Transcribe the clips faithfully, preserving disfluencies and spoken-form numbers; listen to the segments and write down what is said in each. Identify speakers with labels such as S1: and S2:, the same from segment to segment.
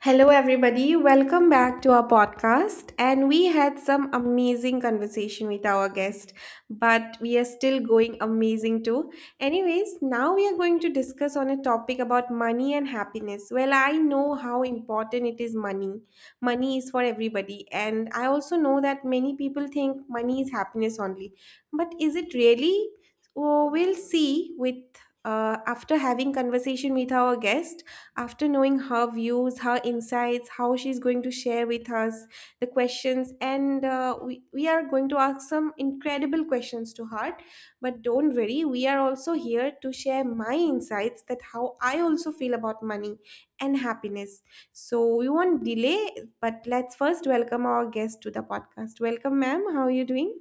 S1: Hello, everybody. Welcome back to our podcast. And we had some amazing conversation with our guest, but we are still going amazing too. Anyways, now we are going to discuss on a topic about money and happiness. Well, I know how important it is money. Money is for everybody. And I also know that many people think money is happiness only. But is it really? Oh, we'll see with uh, after having conversation with our guest, after knowing her views, her insights, how she's going to share with us the questions, and uh, we, we are going to ask some incredible questions to her. But don't worry, we are also here to share my insights that how I also feel about money and happiness. So we won't delay, but let's first welcome our guest to the podcast. Welcome, ma'am. How are you doing?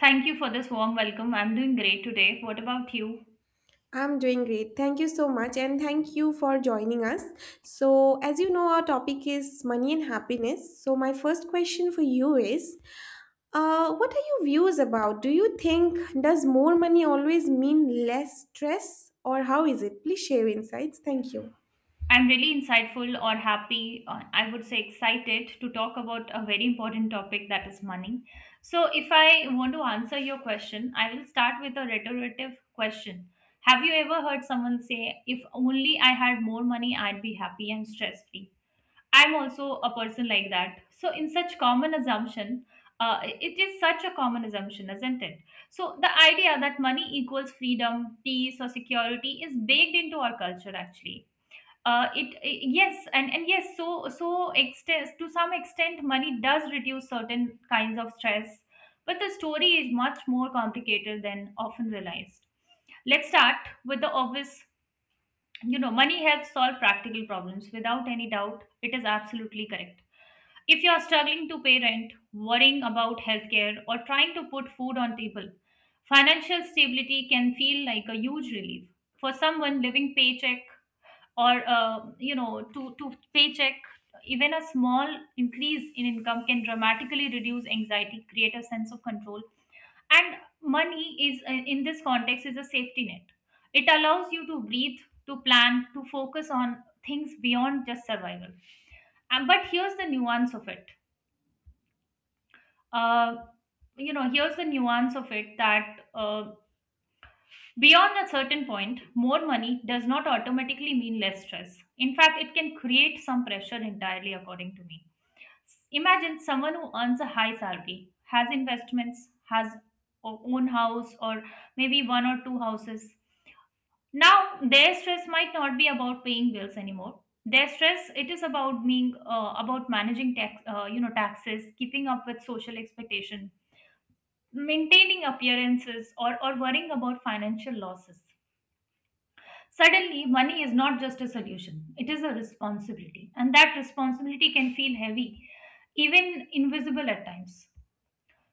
S2: Thank you for this warm welcome. I'm doing great today. What about you?
S1: I'm doing great. Thank you so much, and thank you for joining us. So, as you know, our topic is money and happiness. So, my first question for you is, uh, what are your views about? Do you think does more money always mean less stress, or how is it? Please share insights. Thank you.
S2: I'm really insightful or happy, uh, I would say excited to talk about a very important topic that is money. So, if I want to answer your question, I will start with a retortive question. Have you ever heard someone say, if only I had more money, I'd be happy and stress free? I'm also a person like that. So, in such common assumption, uh, it is such a common assumption, isn't it? So, the idea that money equals freedom, peace, or security is baked into our culture actually. Uh, it, I- yes and, and yes, so so extent to some extent money does reduce certain kinds of stress, but the story is much more complicated than often realized. Let's start with the obvious. You know, money helps solve practical problems. Without any doubt, it is absolutely correct. If you are struggling to pay rent, worrying about healthcare, or trying to put food on table, financial stability can feel like a huge relief. For someone living paycheck or uh, you know to, to paycheck, even a small increase in income can dramatically reduce anxiety, create a sense of control, and money is uh, in this context is a safety net. It allows you to breathe, to plan, to focus on things beyond just survival. And, but here's the nuance of it uh, you know, here's the nuance of it that uh, beyond a certain point, more money does not automatically mean less stress. In fact, it can create some pressure entirely, according to me. Imagine someone who earns a high salary, has investments, has o- own house, or maybe one or two houses. Now, their stress might not be about paying bills anymore. Their stress it is about being uh, about managing tax, uh, you know, taxes, keeping up with social expectations, maintaining appearances, or, or worrying about financial losses. Suddenly, money is not just a solution, it is a responsibility. And that responsibility can feel heavy, even invisible at times.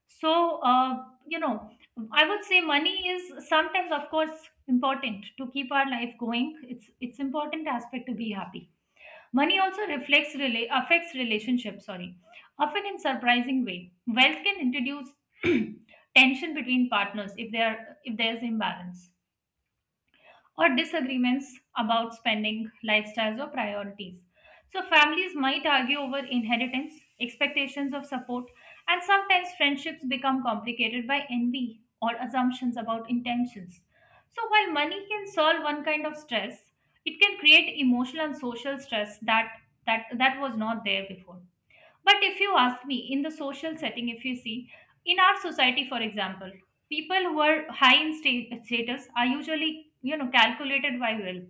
S2: So, uh, you know, I would say money is sometimes, of course, important to keep our life going. It's, it's important aspect to be happy. Money also reflects rela- affects relationships, sorry, often in surprising way. Wealth can introduce tension between partners if there if there's imbalance or disagreements about spending, lifestyles, or priorities. So, families might argue over inheritance, expectations of support, and sometimes friendships become complicated by envy or assumptions about intentions. So, while money can solve one kind of stress, it can create emotional and social stress that, that, that was not there before. But if you ask me, in the social setting, if you see, in our society, for example, people who are high in sta- status are usually, you know, calculated by wealth.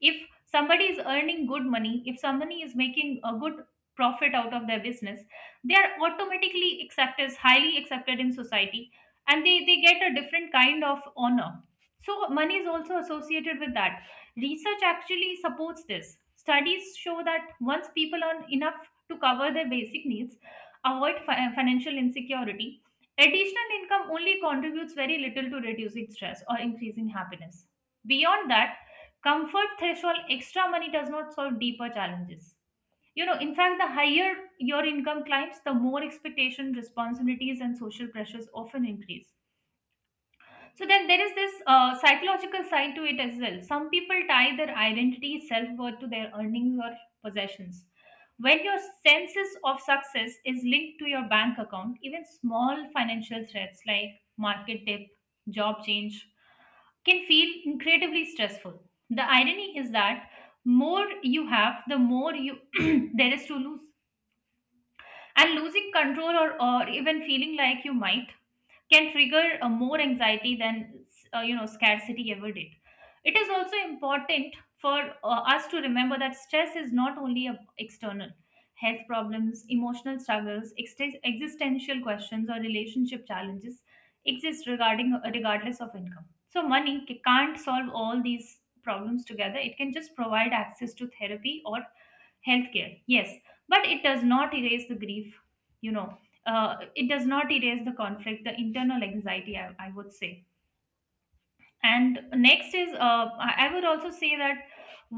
S2: If somebody is earning good money, if somebody is making a good profit out of their business, they are automatically accepted, highly accepted in society, and they, they get a different kind of honor. So money is also associated with that. Research actually supports this. Studies show that once people earn enough to cover their basic needs, avoid fi- financial insecurity, additional income only contributes very little to reducing stress or increasing happiness. Beyond that comfort threshold, extra money does not solve deeper challenges. You know, in fact, the higher your income climbs, the more expectation, responsibilities, and social pressures often increase. So then there is this uh, psychological side to it as well. Some people tie their identity, self-worth to their earnings or possessions. When your senses of success is linked to your bank account, even small financial threats like market dip, job change can feel incredibly stressful. The irony is that more you have, the more you there is to lose. And losing control, or, or even feeling like you might, can trigger uh, more anxiety than uh, you know scarcity ever did. It is also important for uh, us to remember that stress is not only a external. Health problems, emotional struggles, ex- existential questions, or relationship challenges exist regarding uh, regardless of income. So money ca- can't solve all these problems together. It can just provide access to therapy or healthcare, yes, but it does not erase the grief. You know, uh, it does not erase the conflict, the internal anxiety, i, I would say. And next is uh, i I would also say that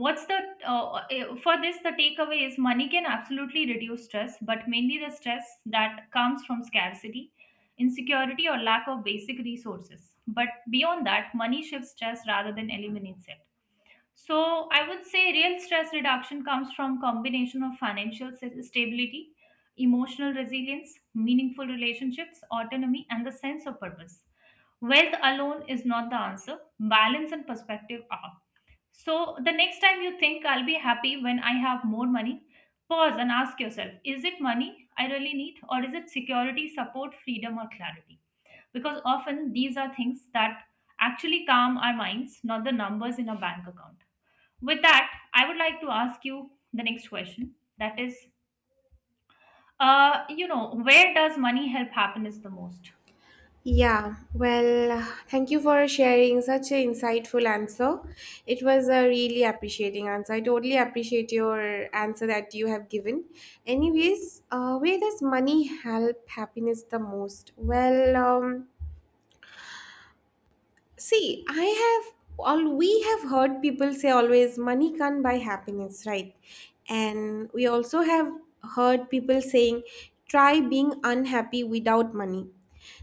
S2: what's the uh, eh, for this the takeaway is money can absolutely reduce stress, but mainly the stress that comes from scarcity, insecurity, or lack of basic resources. But beyond that, money shifts stress rather than eliminates it. So I would say real stress reduction comes from combination of financial s- stability, emotional resilience, meaningful relationships, autonomy, and the sense of purpose. Wealth alone is not the answer. Balance and perspective are. So the next time you think, I'll be happy when I have more money, pause and ask yourself, is it money I really need or is it security, support, freedom or clarity? Because often these are things that actually calm our minds, not the numbers in a bank account. With that, I would like to ask you the next question. That is, uh, you know, where does money help happiness the most?
S1: Yeah, well, thank you for sharing such an insightful answer. It was a really appreciating answer. I totally appreciate your answer that you have given. Anyways, uh, where does money help happiness the most? Well, um, see, I have all we have heard people say always money can't buy happiness, right? And we also have heard people saying try being unhappy without money.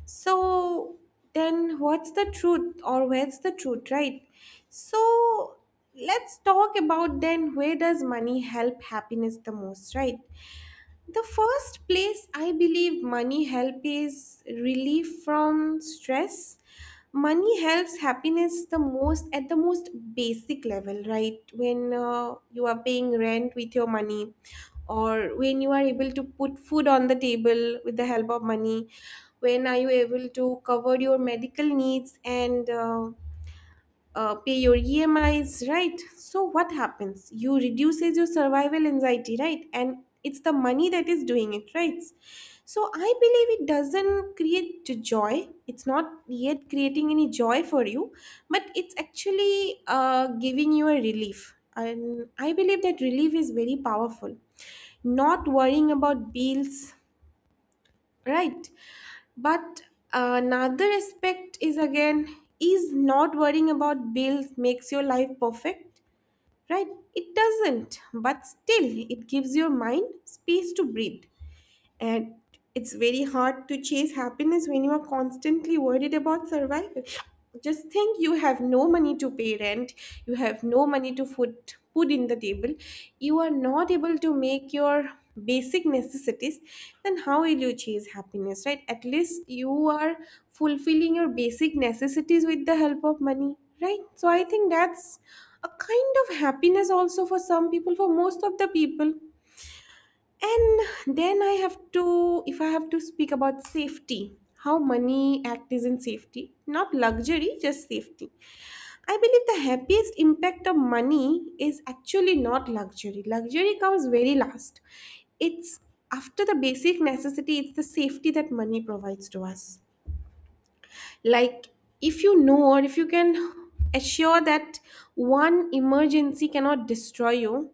S1: So then what's the truth or where's the truth, right? So let's talk about then where does money help happiness the most, right? The first place I believe money help is relief from stress. Money helps happiness the most at the most basic level, right? When uh, you are paying rent with your money, or when you are able to put food on the table with the help of money, when are you able to cover your medical needs and uh, uh, pay your E M Is, right? So what happens? You reduces your survival anxiety, right? And it's the money that is doing it, right? So I believe it doesn't create j- joy. It's not yet creating any joy for you, but it's actually uh, giving you a relief. And I believe that relief is very powerful. Not worrying about bills, right. But another aspect is again, is not worrying about bills makes your life perfect, right? It doesn't, but still it gives your mind space to breathe. And it's very hard to chase happiness when you are constantly worried about survival. Just think, you have no money to pay rent, you have no money to put food in the table, you are not able to make your basic necessities. Then how will you chase happiness, right? At least you are fulfilling your basic necessities with the help of money, right? So I think that's a kind of happiness also for some people, for most of the people. And then I have to, if I have to speak about safety, how money act is in safety, not luxury, just safety. I believe the happiest impact of money is actually not luxury. Luxury comes very last. It's after the basic necessity, it's the safety that money provides to us. Like, if you know or if you can assure that one emergency cannot destroy you,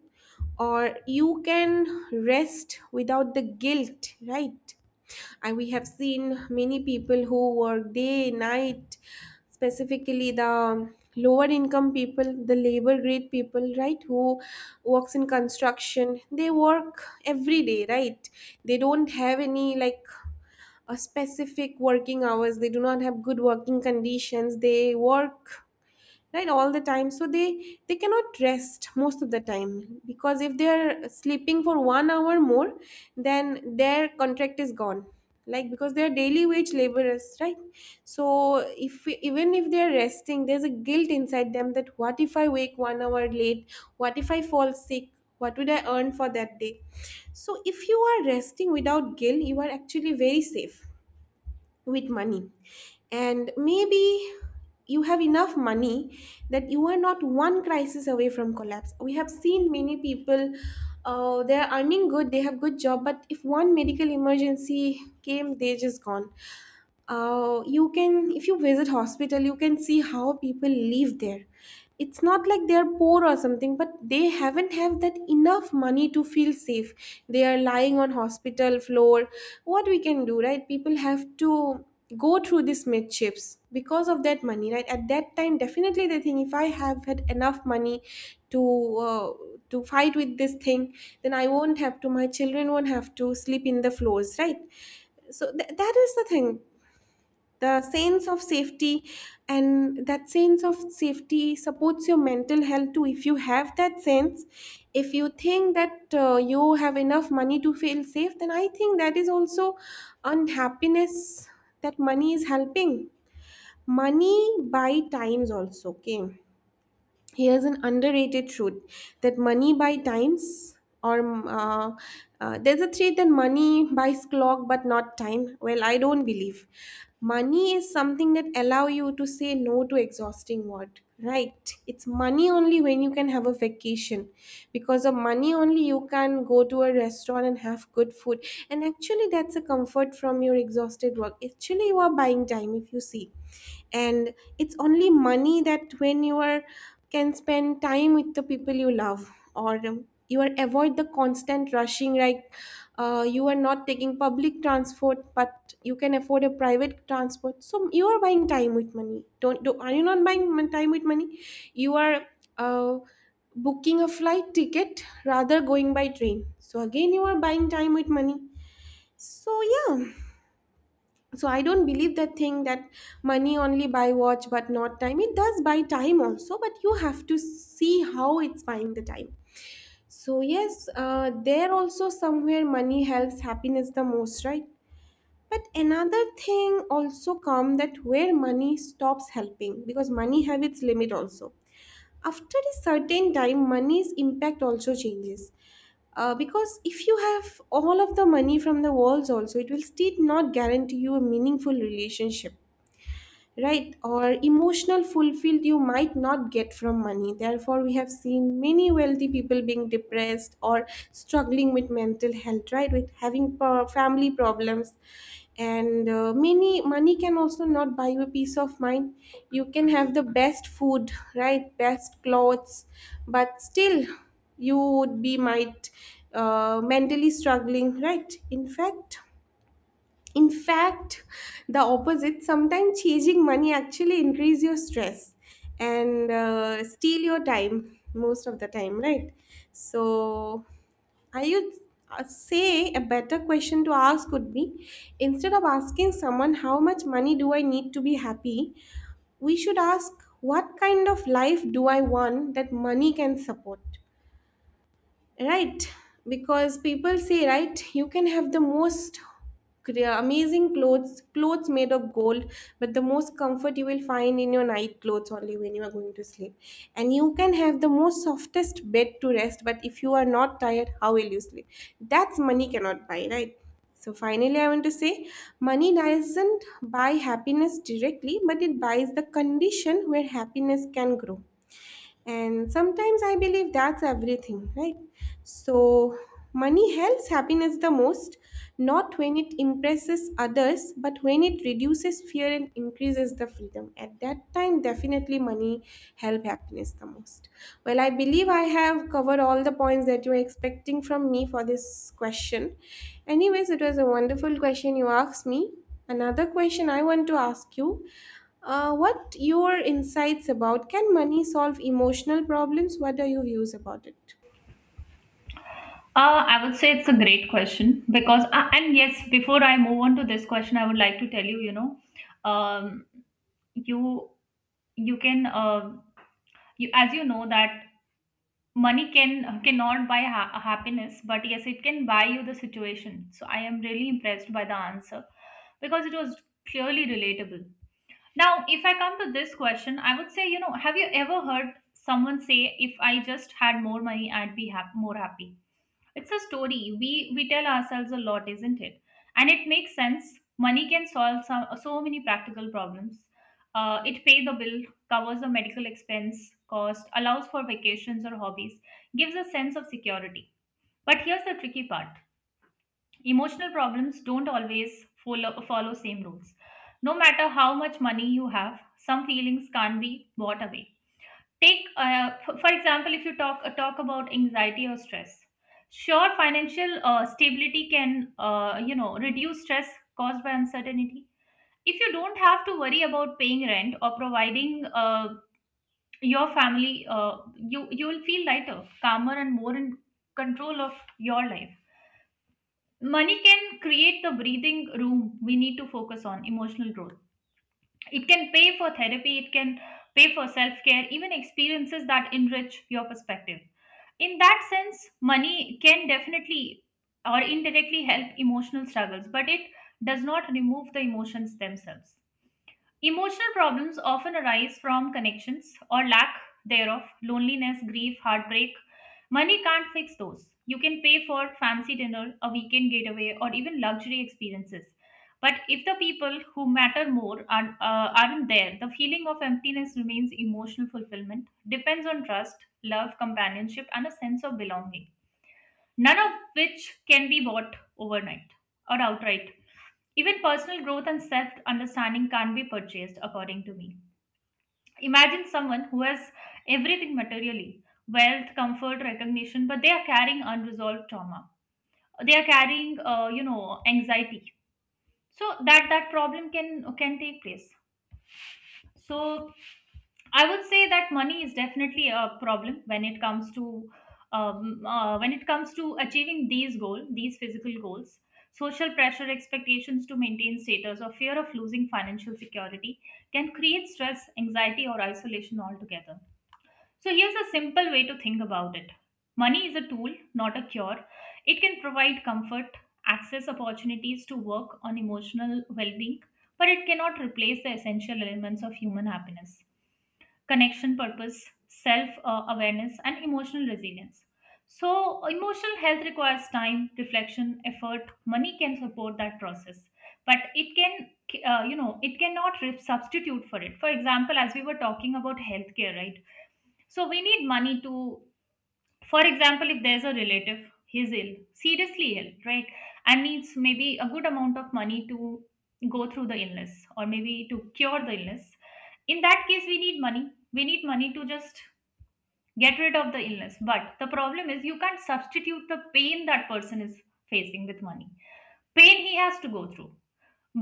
S1: or you can rest without the guilt, right? And we have seen many people who work day night, specifically the lower income people, the labor grade people, right, who works in construction, they work every day, right? They don't have any like a specific working hours, they do not have good working conditions, they work right all the time. So they they cannot rest most of the time, because if they are sleeping for one hour more, then their contract is gone, like, because they are daily wage laborers, right? So if we, even if they are resting, there's a guilt inside them that what if I wake one hour late, what if I fall sick, what would I earn for that day? So if you are resting without guilt, you are actually very safe with money. And maybe you have enough money that you are not one crisis away from collapse. We have seen many people, uh, they are earning good, they have good job, but if one medical emergency came, they just gone. Uh, you can, if you visit hospital, you can see how people live there. It's not like they're poor or something, but they haven't have that enough money to feel safe. They are lying on hospital floor. What we can do, right? People have to go through these midships because of that money, right? At that time definitely they think if I have had enough money to uh, to fight with this thing, then I won't have to, my children won't have to sleep in the floors, right? So th- that is the thing, the sense of safety. And that sense of safety supports your mental health too. If you have that sense, if you think that uh, you have enough money to feel safe, then I think that is also unhappiness that money is helping. Money buy times also, okay. Here's an underrated truth that money buy times, or um, uh, uh, there's a truth that money buys clock but not time. Well, I don't believe. Money is something that allow you to say no to exhausting work, right? It's money only when you can have a vacation. Because of money only you can go to a restaurant and have good food, and actually that's a comfort from your exhausted work. Actually you are buying time, if you see. And it's only money that when you are can spend time with the people you love, or um, you are avoid the constant rushing. Like, uh, you are not taking public transport but you can afford a private transport, so you are buying time with money. Don't, do are you not buying mon- time with money? You are uh, booking a flight ticket rather going by train, so again you are buying time with money. So yeah, so I don't believe that thing that money only buy watch but not time. It does buy time also, but you have to see how it's buying the time. So yes, uh, there also somewhere money helps happiness the most, right? But another thing also come, that where money stops helping, because money have its limit also. After a certain time, money's impact also changes. Uh, because if you have all of the money from the walls also, it will still not guarantee you a meaningful relationship, right? Or emotional fulfilled you might not get from money. Therefore we have seen many wealthy people being depressed or struggling with mental health, right, with having pro- family problems. And uh, many money can also not buy you a peace of mind. You can have the best food, right, best clothes, but still you would be might uh, mentally struggling, right? In fact in fact, the opposite, sometimes chasing money actually increase your stress and uh, steal your time most of the time, right? So, I would uh, say a better question to ask would be, instead of asking someone how much money do I need to be happy, we should ask what kind of life do I want that money can support? Right, because people say, right, you can have the most crea- amazing clothes, clothes made of gold, but the most comfort you will find in your night clothes only when you are going to sleep. And you can have the most softest bed to rest, but if you are not tired, how will you sleep? That's money cannot buy, right? So finally, I want to say money doesn't buy happiness directly, but it buys the condition where happiness can grow, and sometimes I believe that's everything, right? So money helps happiness the most not when it impresses others, but when it reduces fear and increases the freedom. At that time definitely money help happiness the most. Well, I believe I have covered all the points that you are expecting from me for this question. Anyways, it was a wonderful question you asked me. Another question I want to ask you, uh, what your insights about can money solve emotional problems? What are your views about it?
S2: Uh, I would say it's a great question because, uh, and yes, before I move on to this question, I would like to tell you, you know, um, you you can, uh, you as you know that money can cannot buy ha- happiness, but yes, it can buy you the situation. So I am really impressed by the answer because it was clearly relatable. Now, if I come to this question, I would say, you know, have you ever heard someone say, "If I just had more money, I'd be hap- more happy"? It's a story we we tell ourselves a lot, isn't it? And it makes sense. Money can solve some, so many practical problems. Uh, it pay the bill, covers the medical expense cost, allows for vacations or hobbies, gives a sense of security. But here's the tricky part. Emotional problems don't always follow, follow same rules. No matter how much money you have, some feelings can't be bought away. Take, uh, f- for example, if you talk uh, talk about anxiety or stress. Sure, financial uh, stability can, uh, you know, reduce stress caused by uncertainty. If you don't have to worry about paying rent or providing uh, your family, uh, you you will feel lighter, calmer, and more in control of your life. Money can create the breathing room we need to focus on emotional growth. It can pay for therapy, it can pay for self care, even experiences that enrich your perspective. In that sense, money can definitely or indirectly help emotional struggles, but it does not remove the emotions themselves. Emotional problems often arise from connections or lack thereof, loneliness, grief, heartbreak. Money can't fix those. You can pay for fancy dinner, a weekend getaway, or even luxury experiences. But if the people who matter more are, uh, aren't there, the feeling of emptiness remains. Emotional fulfillment depends on trust, love, companionship, and a sense of belonging, none of which can be bought overnight or outright. Even personal growth and self understanding can't be purchased, according to me. Imagine someone who has everything materially, wealth, comfort, recognition, but they are carrying unresolved trauma. They are carrying, uh, you know, anxiety. So that that problem can can take place. So I would say that money is definitely a problem when it comes to um, uh, when it comes to achieving these goals, these physical goals. Social pressure, expectations to maintain status, or fear of losing financial security can create stress, anxiety, or isolation altogether. So here's a simple way to think about it. Money is a tool, not a cure. It can provide comfort, access opportunities to work on emotional well-being, but it cannot replace the essential elements of human happiness: connection, purpose, self uh, awareness, and emotional resilience. So emotional health requires time, reflection, effort. Money can support that process, but it can, uh, you know it cannot re- substitute for it. For example, as we were talking about healthcare, right? So we need money to, for example, if there's a relative, he's ill, seriously ill, right, and needs maybe a good amount of money to go through the illness or maybe to cure the illness. In that case, we need money. We need money to just get rid of the illness. But the problem is, you can't substitute the pain that person is facing with money. Pain he has to go through.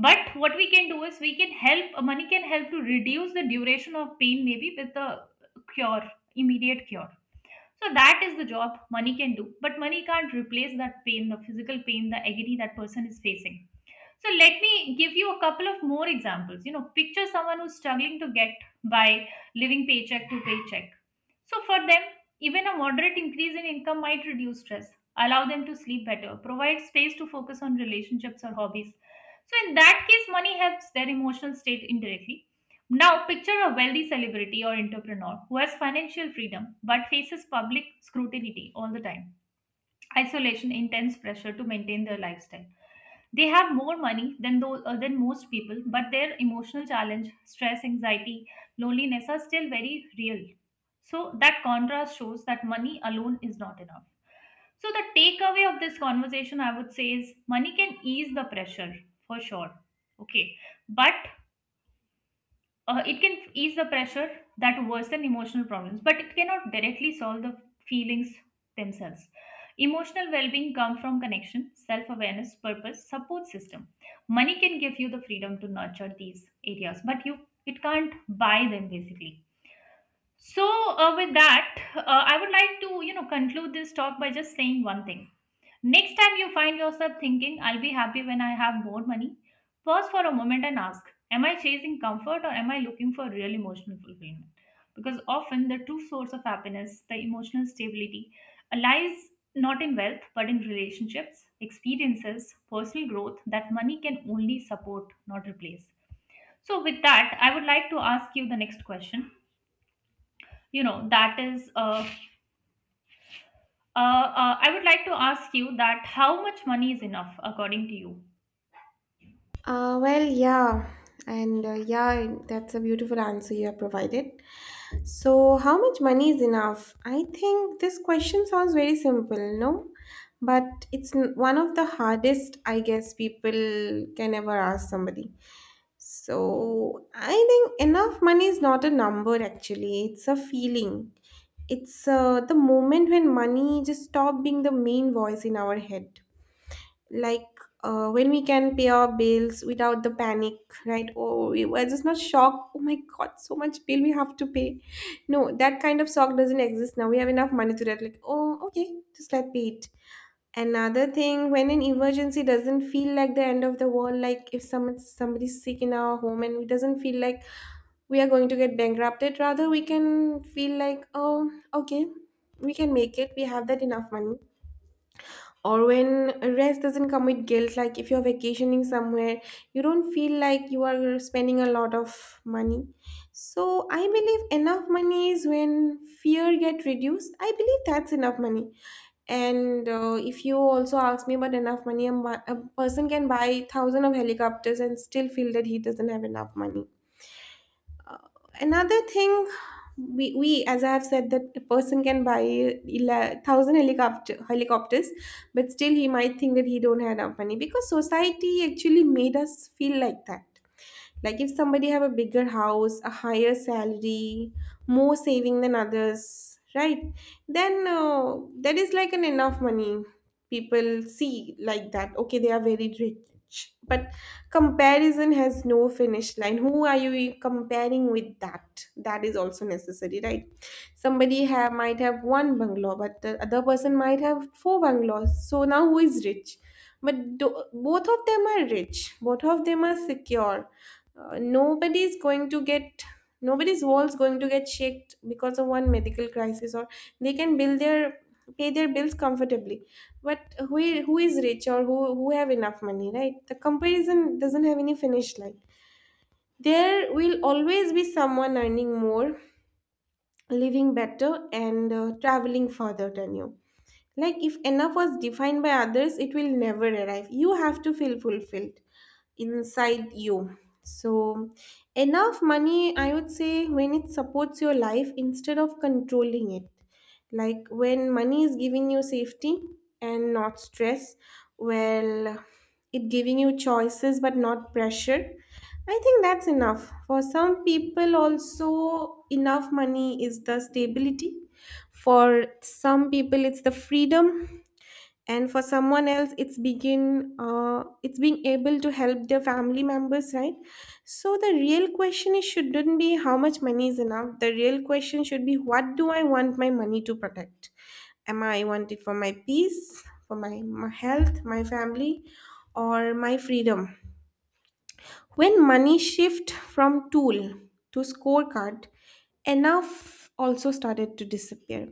S2: But what we can do is we can help. Money can help to reduce the duration of pain, maybe with the cure, immediate cure. So that is the job money can do, but money can't replace that pain, the physical pain, the agony that person is facing. So let me give you a couple of more examples. You know, picture someone who's struggling to get by, living paycheck to paycheck. So for them, even a moderate increase in income might reduce stress, allow them to sleep better, provide space to focus on relationships or hobbies. So in that case, money helps their emotional state indirectly. Now, picture a wealthy celebrity or entrepreneur who has financial freedom but faces public scrutiny all the time, isolation, intense pressure to maintain their lifestyle. They have more money than those, uh, than most people, but their emotional challenge, stress, anxiety, loneliness are still very real. So that contrast shows that money alone is not enough. So the takeaway of this conversation, I would say, is money can ease the pressure for sure. Okay, but uh, it can ease the pressure that worsen emotional problems, but it cannot directly solve the feelings themselves. Emotional well-being comes from connection, self-awareness, purpose, support system. Money can give you the freedom to nurture these areas, but you it can't buy them basically. So, uh, with that uh, i would like to, you know, conclude this talk by just saying one thing. Next time you find yourself thinking, I'll be happy when I have more money, pause for a moment and ask, am I chasing comfort or am I looking for real emotional fulfillment? Because often the true source of happiness, the emotional stability, lies not in wealth but in relationships, experiences, personal growth that money can only support, not replace. So, with that, I would like to ask you the next question. You know, that is, uh, uh, uh, I would like to ask you that how much money is enough according to you?
S1: Uh, well, yeah, and uh, yeah, that's a beautiful answer you have provided. So, how much money is enough? I think this question sounds very simple, no? But it's n- one of the hardest, I guess, people can ever ask somebody. So I think enough money is not a number actually, it's a feeling. It's uh, the moment when money just stop being the main voice in our head. Like uh, when we can pay our bills without the panic, right? Oh, we we're just not shocked. Oh my God, so much bill we have to pay. No, that kind of shock doesn't exist now. We have enough money to that. Like, oh, okay, just let pay it. Another thing, when an emergency doesn't feel like the end of the world, like if someone somebody's sick in our home and it doesn't feel like we are going to get bankrupted, rather we can feel like, oh, okay, we can make it. We have that enough money. Or when rest doesn't come with guilt, like if you're vacationing somewhere, you don't feel like you are spending a lot of money. So I believe enough money is when fear get reduced. I believe that's enough money and uh, if you also ask me about enough money, a, mo- a person can buy thousand of helicopters and still feel that he doesn't have enough money. Another thing, we, we as I have said that a person can buy ele- thousand helicopter helicopters, but still he might think that he don't have enough money because society actually made us feel like that. Like if somebody have a bigger house, a higher salary, more saving than others, right? Then uh, that is like an enough money. People see like that. Okay, they are very rich, but comparison has no finish line. Who are you comparing with that? That is also necessary, right? Somebody have might have one bungalow but the other person might have four bungalows, so now who is rich? But do, both of them are rich, both of them are secure. Uh, nobody's going to get, nobody's walls going to get shaked because of one medical crisis, or they can build their, pay their bills comfortably. But who, who is rich or who, who have enough money, right? The comparison doesn't have any finish line. There will always be someone earning more, living better, and uh, traveling further than you. Like, if enough was defined by others, it will never arrive. You have to feel fulfilled inside you. So, enough money, I would say, when it supports your life instead of controlling it. Like, when money is giving you safety and not stress, well, it giving you choices but not pressure. I think that's enough. For some people, also, enough money is the stability, for some people, it's the freedom, and for someone else, it's begin uh, it's being able to help their family members, right? So the real question is shouldn't be how much money is enough. The real question should be, what do I want my money to protect? Am I want it for my peace, for my, my health, my family, or my freedom? When money shift from tool to scorecard, enough also started to disappear.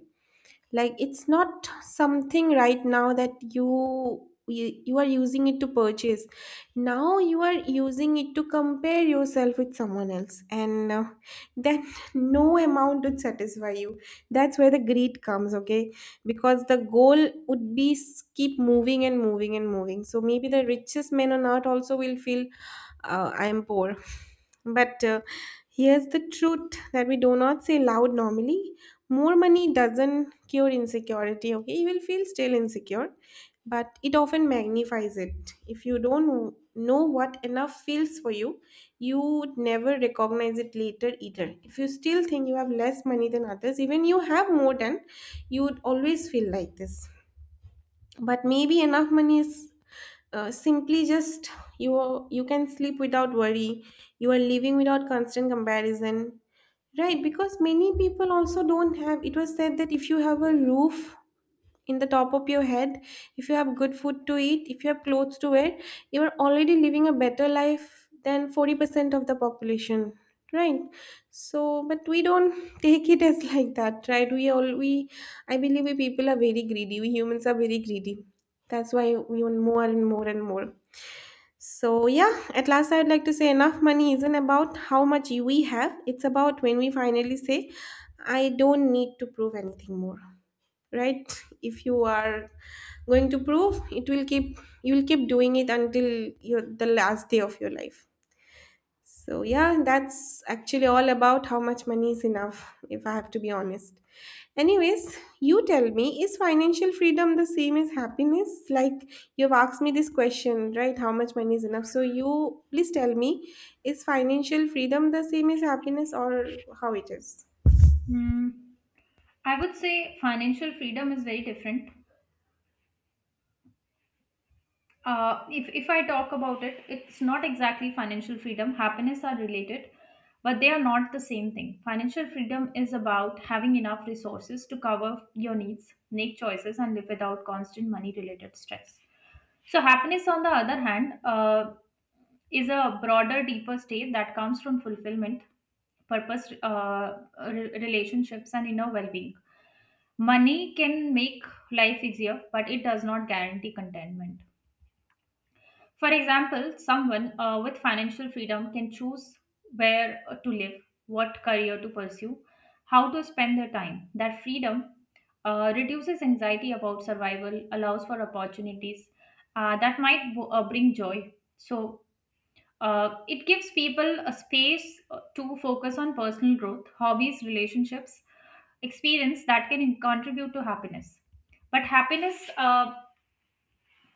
S1: Like, it's not something right now that you you, you are using it to purchase. Now you are using it to compare yourself with someone else, and uh, then no amount would satisfy you. That's where the greed comes, okay? Because the goal would be s- keep moving and moving and moving. So maybe the richest men on earth also will feel uh, I am poor. But uh, here's the truth that we do not say loud normally. More money doesn't cure insecurity, okay? You will feel still insecure, but it often magnifies it. If you don't know what enough feels for you, you would never recognize it later either. If you still think you have less money than others, even you have more than, you would always feel like this. But maybe enough money is uh, simply just you you can sleep without worry, you are living without constant comparison, right? Because many people also don't have it. Was said that if you have a roof in the top of your head, if you have good food to eat, if you have clothes to wear, you are already living a better life than forty percent of the population, right? So but we don't take it as like that, right? We all we I believe we people are very greedy, we humans are very greedy. That's why we want more and more and more. So yeah, at last I would like to say, enough money isn't about how much we have, it's about when we finally say, I don't need to prove anything more, right? If you are going to prove it will keep you will keep doing it until your the last day of your life. So yeah, that's actually all about how much money is enough, if I have to be honest. Anyways, you tell me, is financial freedom the same as happiness? Like, you've asked me this question, right? How much money is enough? So you please tell me, is financial freedom the same as happiness or how it is?
S2: Hmm. I would say financial freedom is very different. Uh, if, if I talk about it, it's not exactly financial freedom. Happiness are related, but they are not the same thing. Financial freedom is about having enough resources to cover your needs, make choices, and live without constant money related stress. So, happiness, on the other hand, uh, is a broader, deeper state that comes from fulfillment, purpose, uh, re- relationships, and inner well being. Money can make life easier, but it does not guarantee contentment. For example, someone uh, with financial freedom can choose where to live, what career to pursue, how to spend their time. That freedom uh, reduces anxiety about survival, allows for opportunities uh, that might bo- uh, bring joy. So, uh, it gives people a space uh, to focus on personal growth, hobbies, relationships, experience that can contribute to happiness. But happiness uh,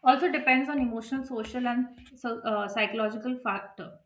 S2: also depends on emotional, social, and so, uh, psychological factor.